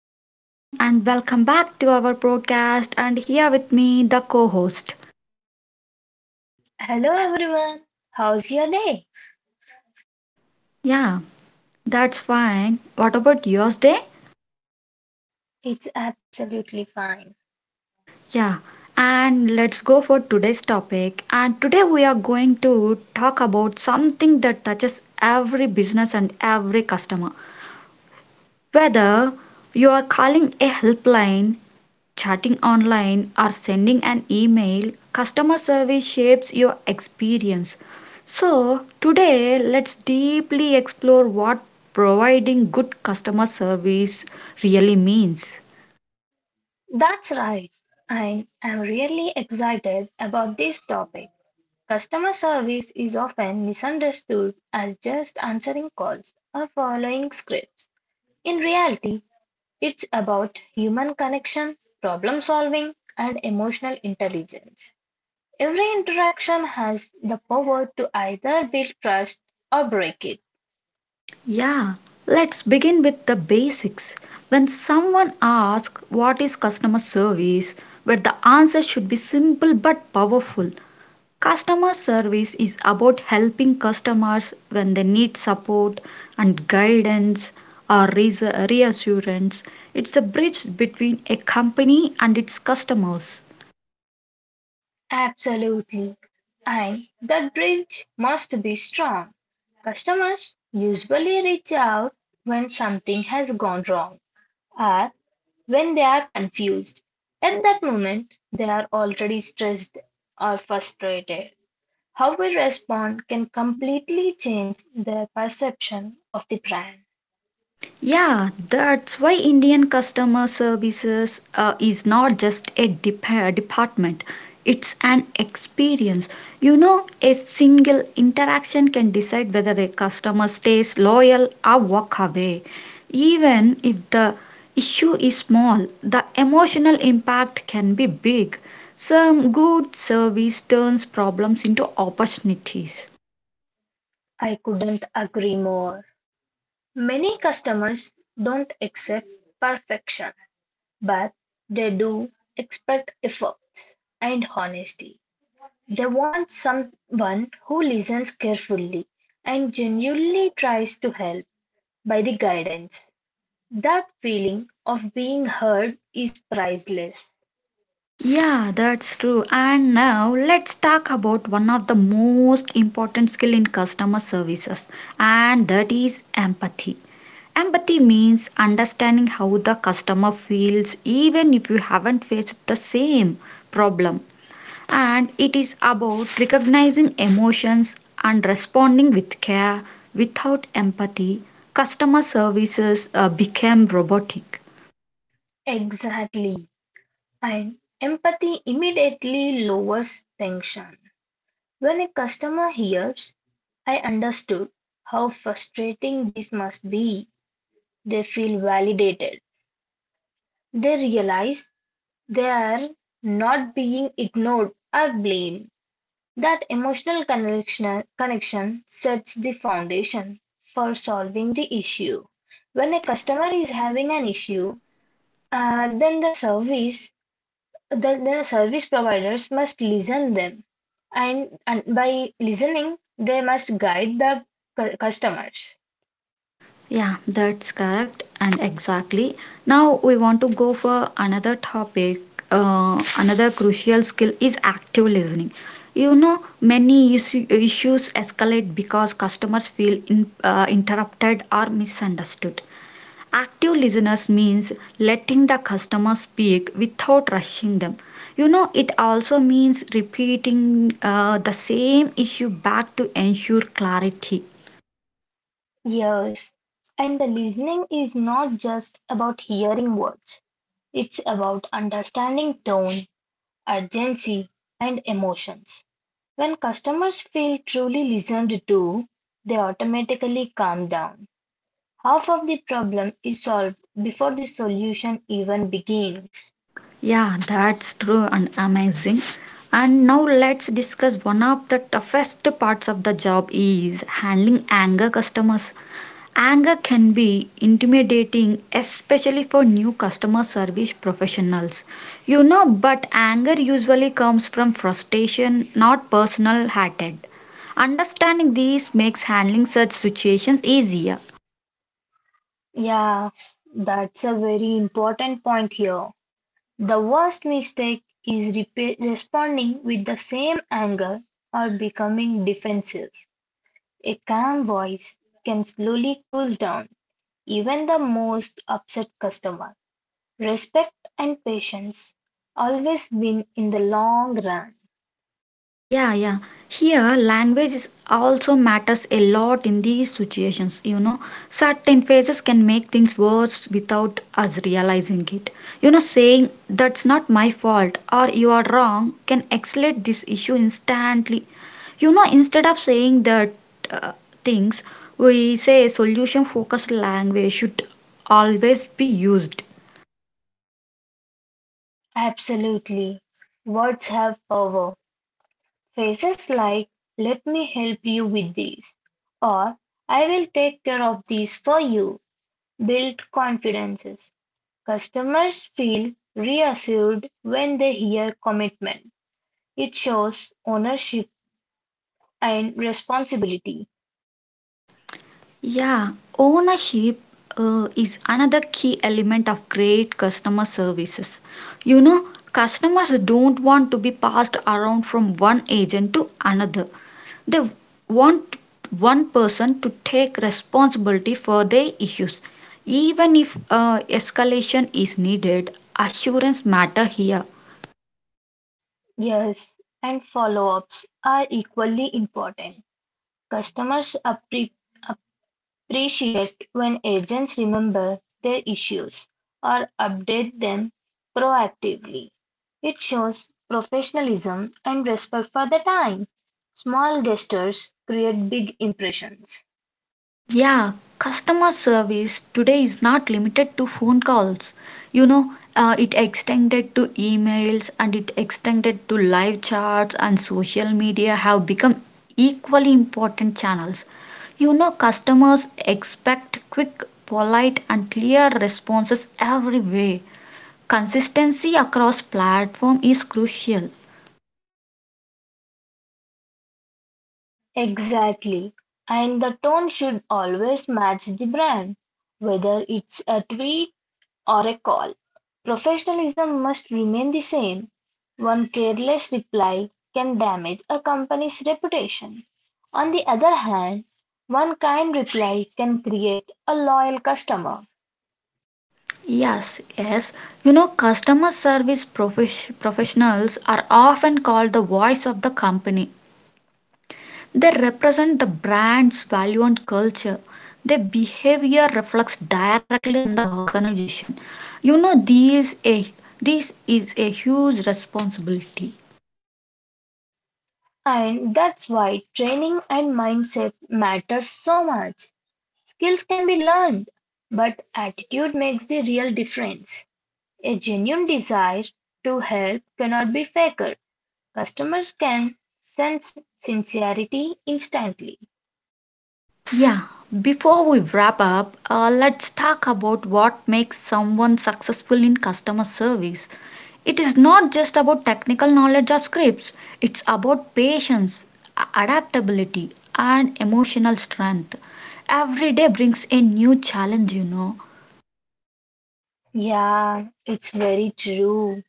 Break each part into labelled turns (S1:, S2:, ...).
S1: everyone, and welcome back to our podcast. And here with me, the co host.
S2: Hello everyone, how's your day?
S1: Yeah, that's fine. What about yours day?
S2: It's absolutely fine.
S1: Yeah, and let's go for today's topic. And today, we are going to talk about something that touches every business and every customer. Whether you are calling a helpline, chatting online, or sending an email, customer service shapes your experience. So, today let's deeply explore what providing good customer service really means.
S2: That's right, I am really excited about this topic. Customer service is often misunderstood as just answering calls or following scripts. In reality, it's about human connection, problem solving, and emotional intelligence. Every interaction has the power to either build trust or break it.
S1: Yeah, let's begin with the basics. When someone asks what is customer service, where the answer should be simple but powerful. Customer service is about helping customers when they need support and guidance or reassurance. It's the bridge between a company and its customers.
S2: Absolutely. And that bridge must be strong. Customers usually reach out when something has gone wrong or when they are confused. At that moment, they are already stressed or frustrated. How we respond can completely change their perception of the brand.
S1: Yeah, that's why Indian customer services is not just a department, it's an experience. You know, a single interaction can decide whether a customer stays loyal or walk away. Even if the issue is small, the emotional impact can be big. Some good service turns problems into opportunities.
S2: I couldn't agree more. Many customers don't accept perfection. But they do expect efforts and honesty. They want someone who listens carefully and genuinely tries to help by the guidance. That feeling of being heard is priceless.
S1: Yeah, that's true. And now let's talk about one of the most important skill in customer services, and that is empathy. Empathy means understanding how the customer feels even if you haven't faced the same problem. And it is about recognizing emotions and responding with care. Without empathy, customer services became robotic.
S2: Exactly. And empathy immediately lowers tension. When a customer hears, I understood how frustrating this must be, they feel validated. They realize they are not being ignored or blamed. That emotional connection sets the foundation for solving the issue. When a customer is having an issue, uh, then the service then the service providers must listen them, and by listening they must guide the customers.
S1: Yeah, that's correct and exactly. Now we want to go for another topic. Another crucial skill is active listening. You know, many issues escalate because customers feel interrupted or misunderstood. Active listeners means letting the customer speak without rushing them. You know, it also means repeating the same issue back to ensure clarity.
S2: Yes, and the listening is not just about hearing words. It's about understanding tone, urgency, and emotions. When customers feel truly listened to, they automatically calm down. Half of the problem is solved before the solution even begins.
S1: Yeah, that's true and amazing. And now let's discuss one of the toughest parts of the job is handling anger customers. Anger can be intimidating, especially for new customer service professionals. You know, but anger usually comes from frustration, not personal hatred. Understanding these makes handling such situations easier.
S2: Yeah, that's a very important point here. The worst mistake is responding with the same anger or becoming defensive. A calm voice can slowly cool down even the most upset customer. Respect and patience always win in the long run.
S1: Yeah, yeah. Here, language is also matters a lot in these situations. You know, certain phrases can make things worse without us realizing it. You know, saying that's not my fault or you are wrong can escalate this issue instantly. You know, instead of saying that uh, things, we say solution focused language should always be used.
S2: Absolutely. Words have power. Phrases like, let me help you with these, or I will take care of these for you, build confidences. Customers feel reassured when they hear commitment. It shows ownership and responsibility.
S1: Yeah, ownership is another key element of great customer services. You know, customers don't want to be passed around from one agent to another. They want one person to take responsibility for their issues. Even if escalation is needed, assurance matter here.
S2: Yes, and follow ups are equally important. Customers appreciate when agents remember their issues or update them proactively. It shows professionalism and respect for the time. Small gestures create big impressions.
S1: Yeah, customer service today is not limited to phone calls. You know, it extended to emails and it extended to live chats and social media have become equally important channels. You know, customers expect quick, polite, and clear responses every way. Consistency across platform is crucial.
S2: Exactly. And the tone should always match the brand, whether it's a tweet or a call. Professionalism must remain the same. One careless reply can damage a company's reputation. On the other hand, one kind reply can create a loyal customer.
S1: Yes, yes. You know, customer service professionals are often called the voice of the company. They represent the brand's value and culture. Their behavior reflects directly on the organization. You know, these a this is a huge responsibility.
S2: And that's why training and mindset matters so much. Skills can be learned, but attitude makes the real difference. A genuine desire to help cannot be faked. Customers can sense sincerity instantly.
S1: Yeah, before we wrap up, let's talk about what makes someone successful in customer service. It is not just about technical knowledge or scripts, it's about patience, adaptability, and emotional strength. Every day brings a new challenge, you know.
S2: Yeah, it's very true.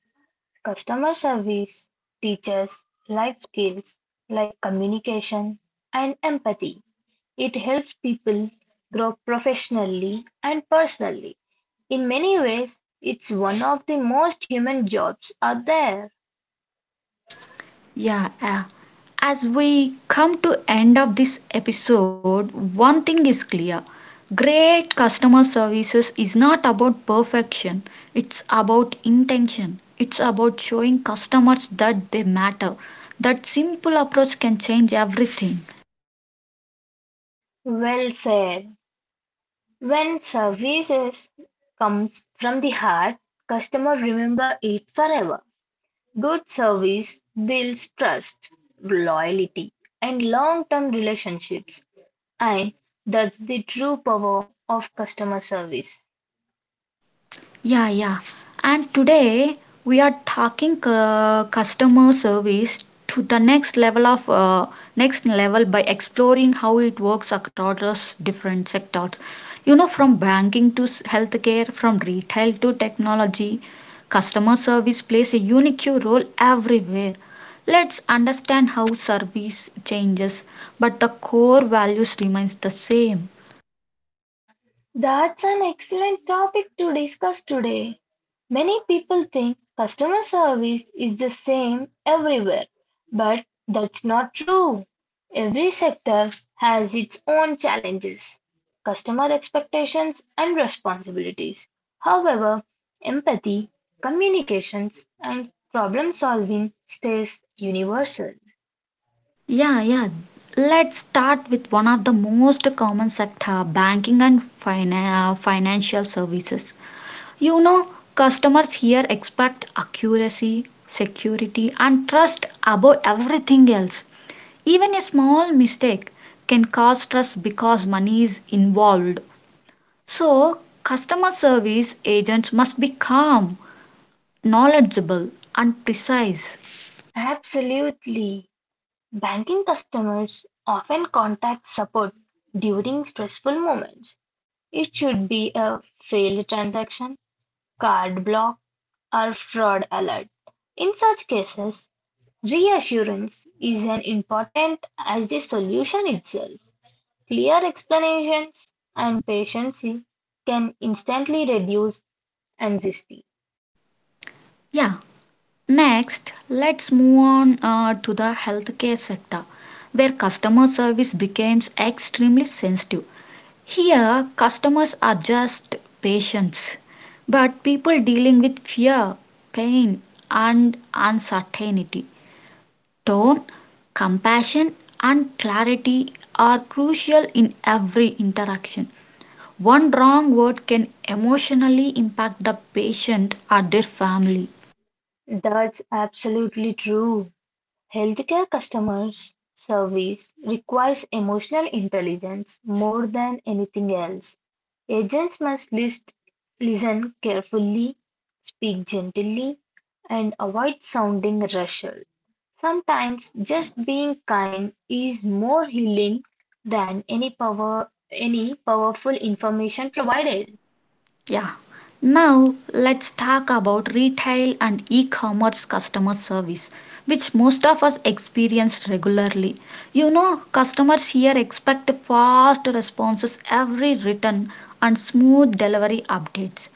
S2: Customer service teaches life skills like communication and empathy. It helps people grow professionally and personally. In many ways, it's one of the most human jobs out there.
S1: Yeah, as we come to end of this episode, one thing is clear. Great customer services is not about perfection. It's about intention. It's about showing customers that they matter. That simple approach can change everything.
S2: Well said. When services comes from the heart, customer remember it forever. Good service builds trust, loyalty, and long-term relationships, and that's the true power of customer service.
S1: Yeah, yeah. And today we are talking customer service to the next level of next level by exploring how it works across those different sectors. You know, from banking to healthcare, from retail to technology, customer service plays a unique role everywhere. Let's understand how service changes, but the core values remains the same.
S2: That's an excellent topic to discuss today. Many people think customer service is the same everywhere, but that's not true. Every sector has its own challenges, customer expectations and responsibilities. However, empathy, communications, and problem solving stays universal.
S1: Yeah, yeah. Let's start with one of the most common sector, banking and financial services. You know, customers here expect accuracy, security, and trust above everything else. Even a small mistake can cause trust because money is involved. So, customer service agents must be calm, knowledgeable, and precise.
S2: Absolutely. Banking customers often contact support during stressful moments. It should be a failed transaction, card block, or fraud alert. In such cases, reassurance is as important as the solution itself. Clear explanations and patience can instantly reduce anxiety.
S1: Yeah, next, let's move on to the healthcare sector, where customer service becomes extremely sensitive. Here, customers are just patients, but people dealing with fear, pain, and uncertainty. Tone, compassion, and clarity are crucial in every interaction. One wrong word can emotionally impact the patient or their family.
S2: That's absolutely true. Healthcare customers service requires emotional intelligence more than anything else. Agents must listen carefully, speak gently, and avoid sounding rushed. Sometimes just being kind is more healing than any powerful information provided.
S1: Yeah. Now let's talk about retail and e-commerce customer service, which most of us experience regularly. You know, customers here expect fast responses every return and smooth delivery updates.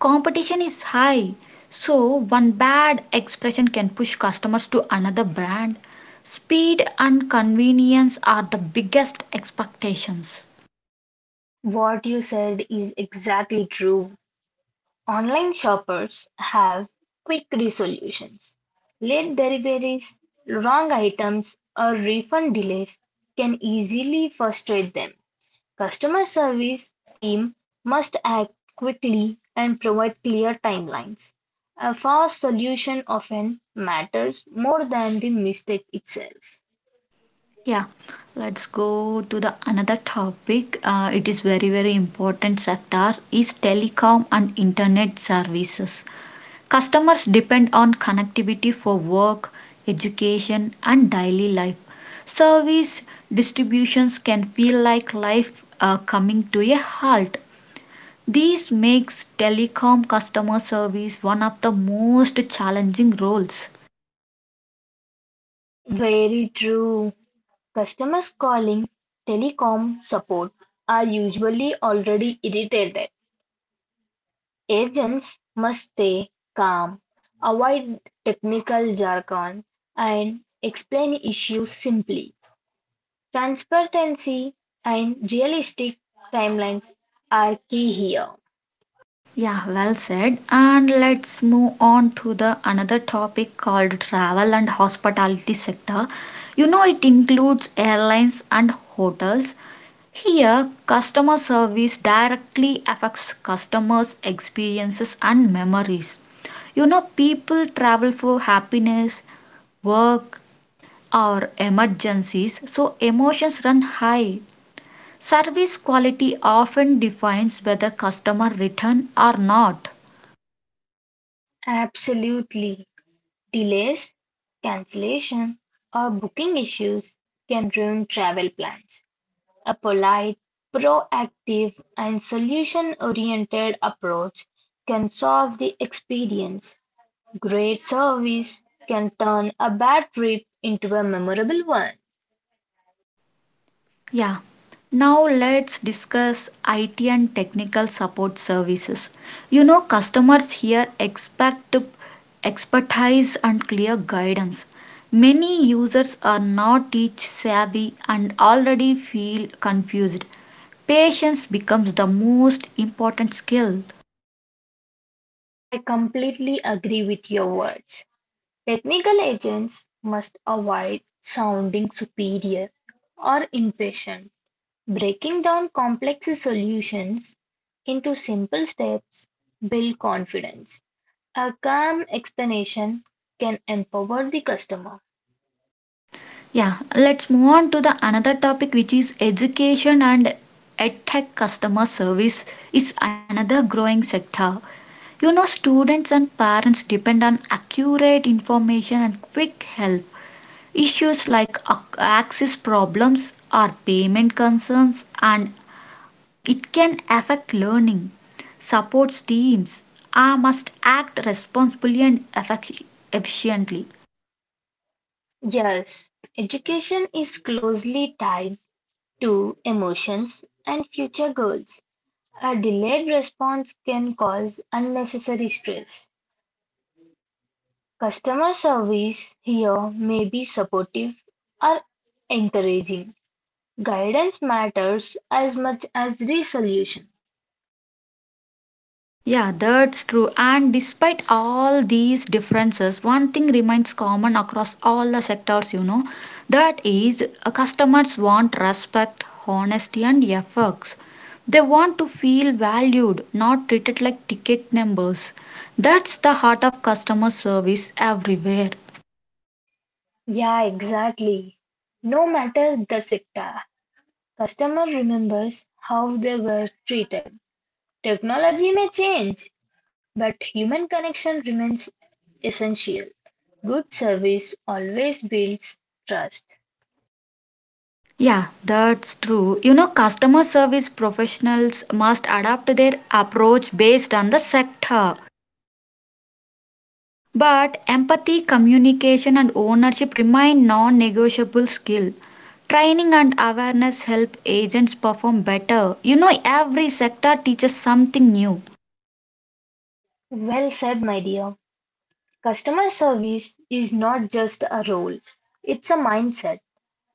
S1: Competition is high, so one bad expression can push customers to another brand. Speed and convenience are the biggest expectations.
S2: What you said is exactly true. Online shoppers have quick resolutions. Late deliveries, wrong items, or refund delays can easily frustrate them. Customer service team must act quickly and provide clear timelines. A fast solution often matters more than the mistake itself.
S1: Yeah, let's go to the another topic. It is very very important sector is telecom and internet services. Customers depend on connectivity for work, education, and daily life. Service distributions can feel like life coming to a halt. This makes telecom customer service one of the most challenging roles.
S2: Very true. Customers calling telecom support are usually already irritated. Agents must stay calm, avoid technical jargon, and explain issues simply. Transparency and realistic timelines are key here.
S1: Yeah, well said. And let's move on to the another topic called travel and hospitality sector. You know it includes airlines and hotels. Here, customer service directly affects customers' experiences and memories. You know people travel for happiness, work or emergencies, so emotions run high. Service quality often defines whether customer return or not.
S2: Absolutely. Delays, cancellation, or booking issues can ruin travel plans. A polite, proactive, and solution oriented approach can solve the experience. Great service can turn a bad trip into a memorable one.
S1: Yeah. Now let's discuss IT and technical support services. You know, customers here expect expertise and clear guidance. Many users are not tech savvy and already feel confused. Patience becomes the most important skill.
S2: I completely agree with your words. Technical agents must avoid sounding superior or impatient. Breaking down complex solutions into simple steps build confidence. A calm explanation can empower the customer.
S1: Yeah, let's move on to the another topic which is education and edtech customer service is another growing sector. You know, students and parents depend on accurate information and quick help. Issues like access problems or payment concerns and it can affect learning. Support teams must act responsibly and efficiently.
S2: Yes, education is closely tied to emotions and future goals. A delayed response can cause unnecessary stress. Customer service here may be supportive or encouraging. Guidance matters as much as resolution.
S1: Yeah, that's true. And despite all these differences, one thing remains common across all the sectors, you know, that is customers want respect, honesty, and efforts. They want to feel valued, not treated like ticket numbers. That's the heart of customer service everywhere.
S2: Yeah, exactly. No matter the sector, customer remembers how they were treated. Technology may change, but human connection remains essential. Good service always builds trust.
S1: Yeah, that's true. You know, customer service professionals must adapt their approach based on the sector. But empathy, communication, and ownership remain non negotiable skills. Training and awareness help agents perform better. You know, every sector teaches something new.
S2: Well said, my dear. Customer service is not just a role, it's a mindset.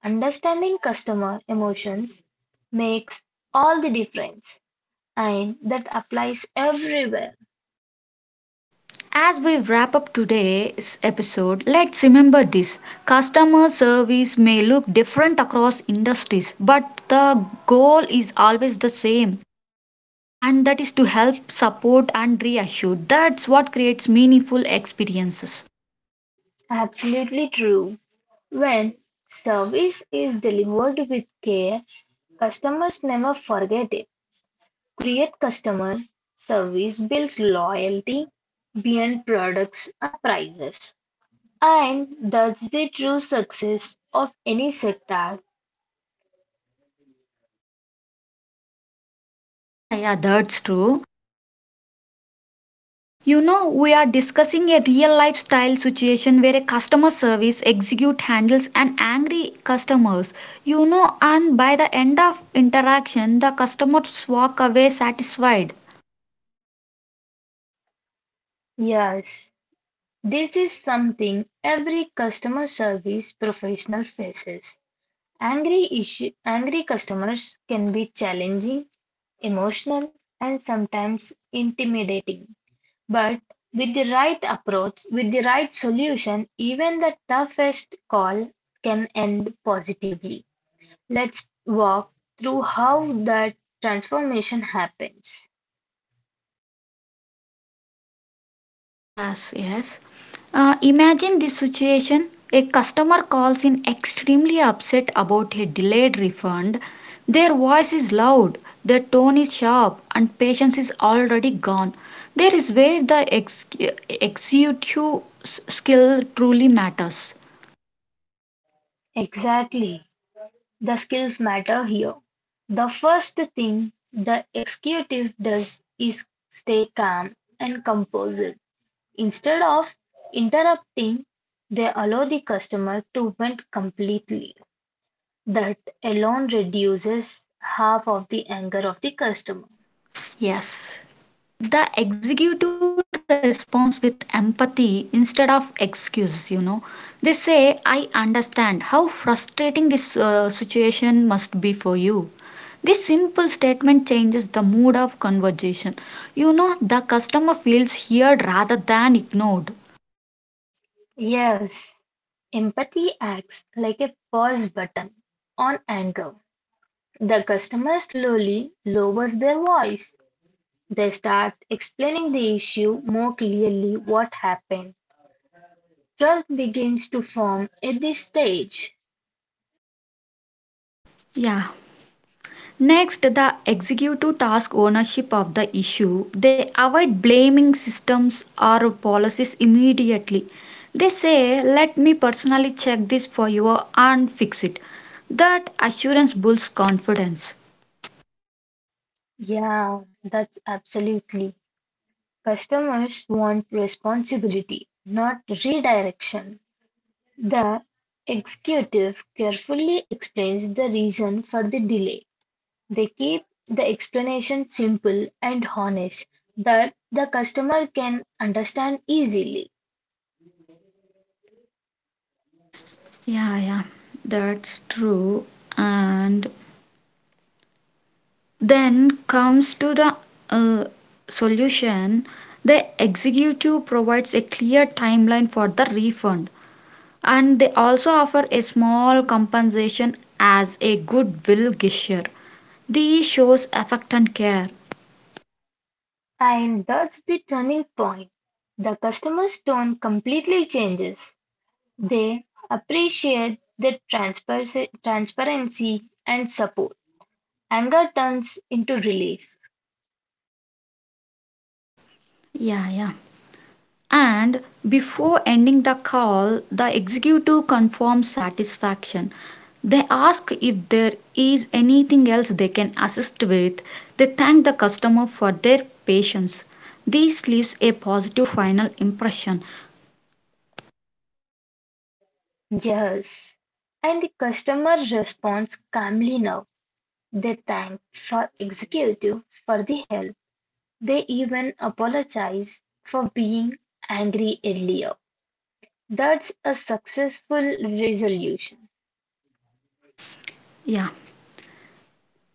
S2: Understanding customer emotions makes all the difference, and that applies everywhere.
S1: As we wrap up today's episode, let's remember this customer service may look different across industries, but the goal is always the same, and that is to help, support, and reassure. That's what creates meaningful experiences.
S2: Absolutely true. When service is delivered with care, customers never forget it. Create customer service builds loyalty beyond products or prices. And that's the true success of any sector.
S1: Yeah, yeah, that's true. You know, we are discussing a real life style situation where a customer service execute handles an angry customers. You know, and by the end of interaction, the customers walk away satisfied.
S2: Yes. This is something every customer service professional faces. Angry customers can be challenging, emotional, and sometimes intimidating. But with the right approach, with the right solution, even the toughest call can end positively. Let's walk through how that transformation happens.
S1: Yes, yes. Imagine this situation. A customer calls in extremely upset about a delayed refund. Their voice is loud, their tone is sharp, and patience is already gone. There is where the executive skill truly matters.
S2: Exactly. The skills matter here. The first thing the executive does is stay calm and composed. Instead of interrupting, they allow the customer to vent completely. That alone reduces half of the anger of the customer.
S1: Yes. The executive responds with empathy instead of excuses. You know, they say, I understand how frustrating this situation must be for you. This simple statement changes the mood of conversation. You know, the customer feels heard rather than ignored.
S2: Yes, empathy acts like a pause button on anger. The customer slowly lowers their voice. They start explaining the issue more clearly what happened. Trust begins to form at this stage.
S1: Yeah. Next, the executive task ownership of the issue. They avoid blaming systems or policies immediately. They say, let me personally check this for you and fix it. That assurance builds confidence.
S2: Yeah, that's absolutely. Customers want responsibility, not redirection. The executive carefully explains the reason for the delay. They keep the explanation simple and honest that the customer can understand easily.
S1: Yeah, yeah, that's true. And then comes to the uh, solution. The executive provides a clear timeline for the refund, and they also offer a small compensation as a goodwill gesture. These shows affect and care.
S2: And that's the turning point. The customer's tone completely changes. They appreciate the transparency and support. Anger turns into relief.
S1: Yeah, yeah. And before ending the call, the executive confirms satisfaction. They ask if there is anything else they can assist with. They thank the customer for their patience. This leaves a positive final impression.
S2: Yes. And the customer responds calmly now. They thank for executive for the help. They even apologize for being angry earlier. That's a successful resolution.
S1: Yeah.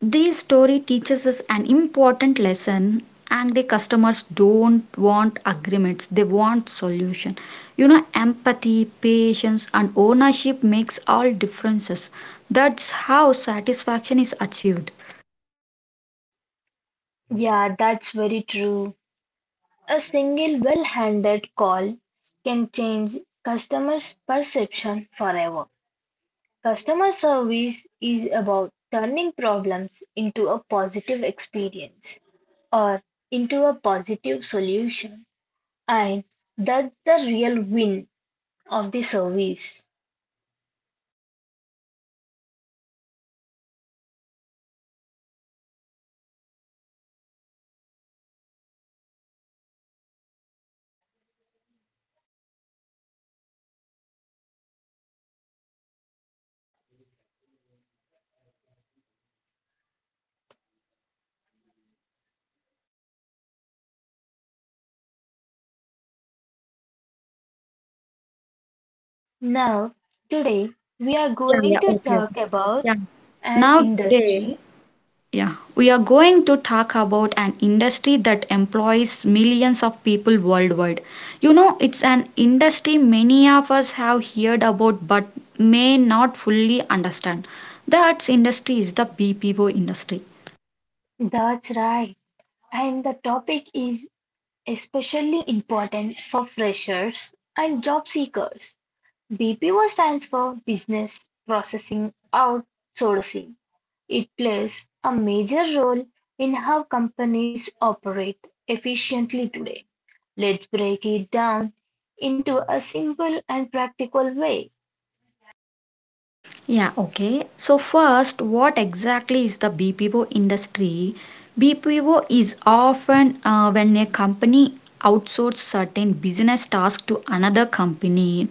S1: This story teaches us an important lesson, and the customers don't want agreements, they want solution. You know, empathy patience and ownership makes all differences. That's how satisfaction is achieved.
S2: Yeah, that's very true. A single well-handed call can change customers' perception forever. Customer service is about turning problems into a positive experience or into a positive solution, and that's the real win of the service. Now, today we are
S1: Yeah,
S2: going
S1: yeah,
S2: to
S1: okay, okay.
S2: talk about
S1: Yeah,
S2: an
S1: now today.
S2: industry.
S1: Yeah, we are going to talk about an industry that employs millions of people worldwide. You know, it's an industry many of us have heard about but may not fully understand. That industry is the BPO industry.
S2: That's right, and the topic is especially important for freshers and job seekers. BPO stands for Business Processing Outsourcing. It plays a major role in how companies operate efficiently today. Let's break it down into a simple and practical way.
S1: Yeah, okay. So, first, what exactly is the BPO industry? BPO is often when a company outsources certain business tasks to another company.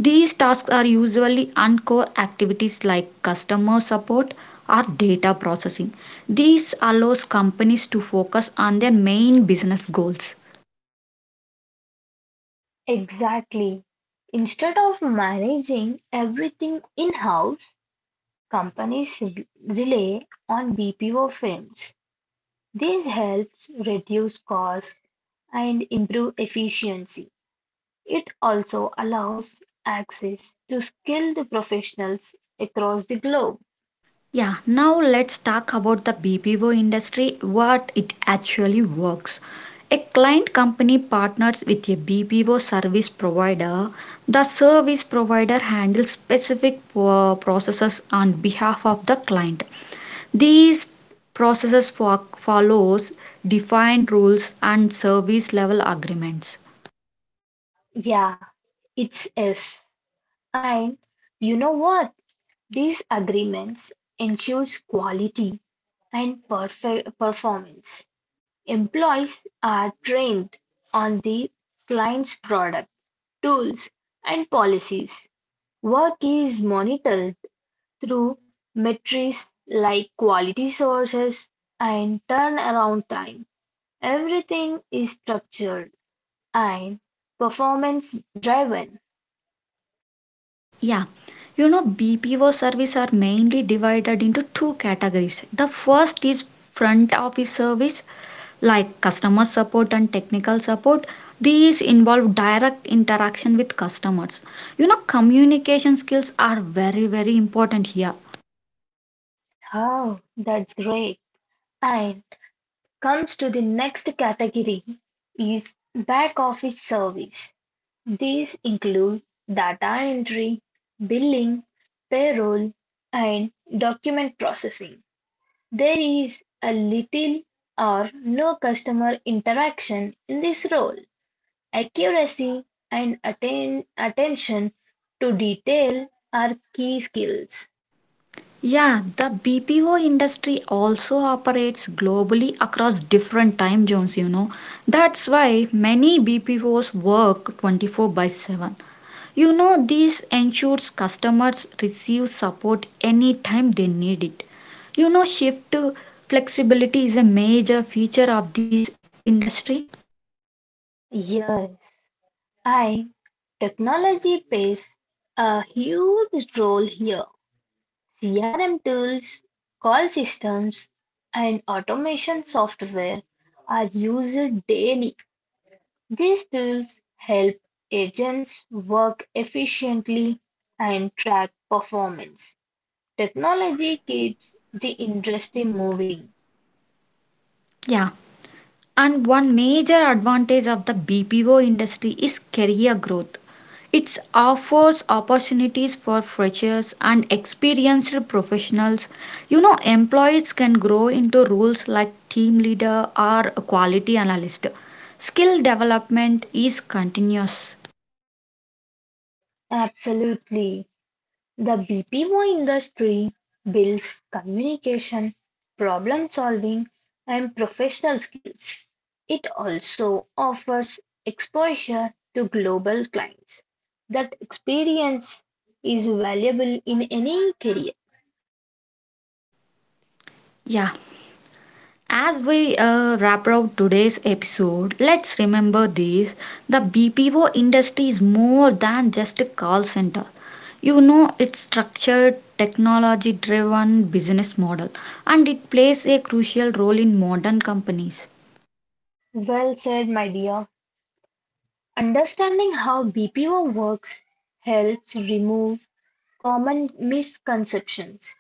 S1: These tasks are usually uncore activities like customer support or data processing. These allows companies to focus on their main business goals.
S2: Exactly. Instead of managing everything in house, companies rely on BPO firms. This helps reduce costs and improve efficiency. It also allows access to skilled professionals across the globe.
S1: Yeah, now let's talk about the BPO industry, what it actually works. A client company partners with a BPO service provider. The service provider handles specific processes on behalf of the client. These follows defined rules and service level agreements.
S2: Yeah, it's S. And you know what? These agreements ensures quality and performance. Employees are trained on the client's product, tools, and policies. Work is monitored through metrics like quality sources and turnaround time. Everything is structured and performance driven.
S1: Yeah, you know BPO service are mainly divided into two categories. The first is front office service like customer support and technical support. These involve direct interaction with customers. You know communication skills are very very important here.
S2: Oh, that's great. And comes to the next category is back office service. These include data entry, billing, payroll, and document processing. There is a little or no customer interaction in this role. Accuracy and attention to detail are key skills.
S1: Yeah, the BPO industry also operates globally across different time zones, you know. That's why many BPOs work 24 by 7. You know, this ensures customers receive support anytime they need it. You know, shift flexibility is a major feature of this industry.
S2: Yes, I technology plays a huge role here. CRM tools, call systems, and automation software are used daily. These tools help agents work efficiently and track performance. Technology keeps the industry moving.
S1: Yeah. And one major advantage of the BPO industry is career growth. It offers opportunities for freshers and experienced professionals. You know, employees can grow into roles like team leader or quality analyst. Skill development is continuous.
S2: Absolutely. The BPO industry builds communication, problem solving, and professional skills. It also offers exposure to global clients. That experience is valuable in any career.
S1: Yeah. As we wrap up today's episode, let's remember this the BPO industry is more than just a call center. You know, it's structured, technology driven business model, and it plays a crucial role in modern companies.
S2: Well said, my dear. Understanding how BPO works helps remove common misconceptions.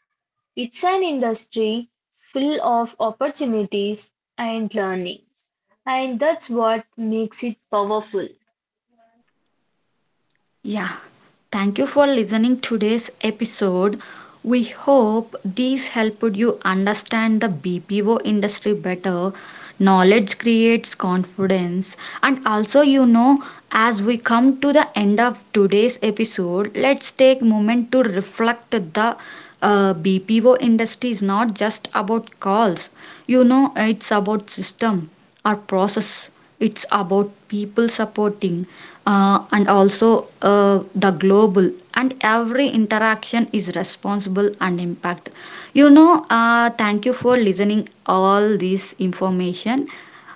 S2: It's an industry full of opportunities and learning, and that's what makes it powerful.
S1: Yeah, thank you for listening today's episode. We hope these helped you understand the BPO industry better. Knowledge creates confidence. And also, you know, as we come to the end of today's episode, let's take moment to reflect the BPO industry is not just about calls. You know, it's about system or process. It's about people supporting and also the global and every interaction is responsible and impact. You know, thank you for listening all this information.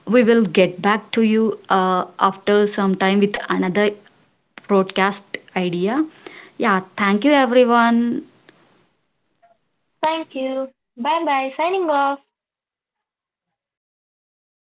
S1: We will get back to you after some time with another broadcast idea. Yeah, thank you everyone.
S2: Thank you. Bye bye. Signing off.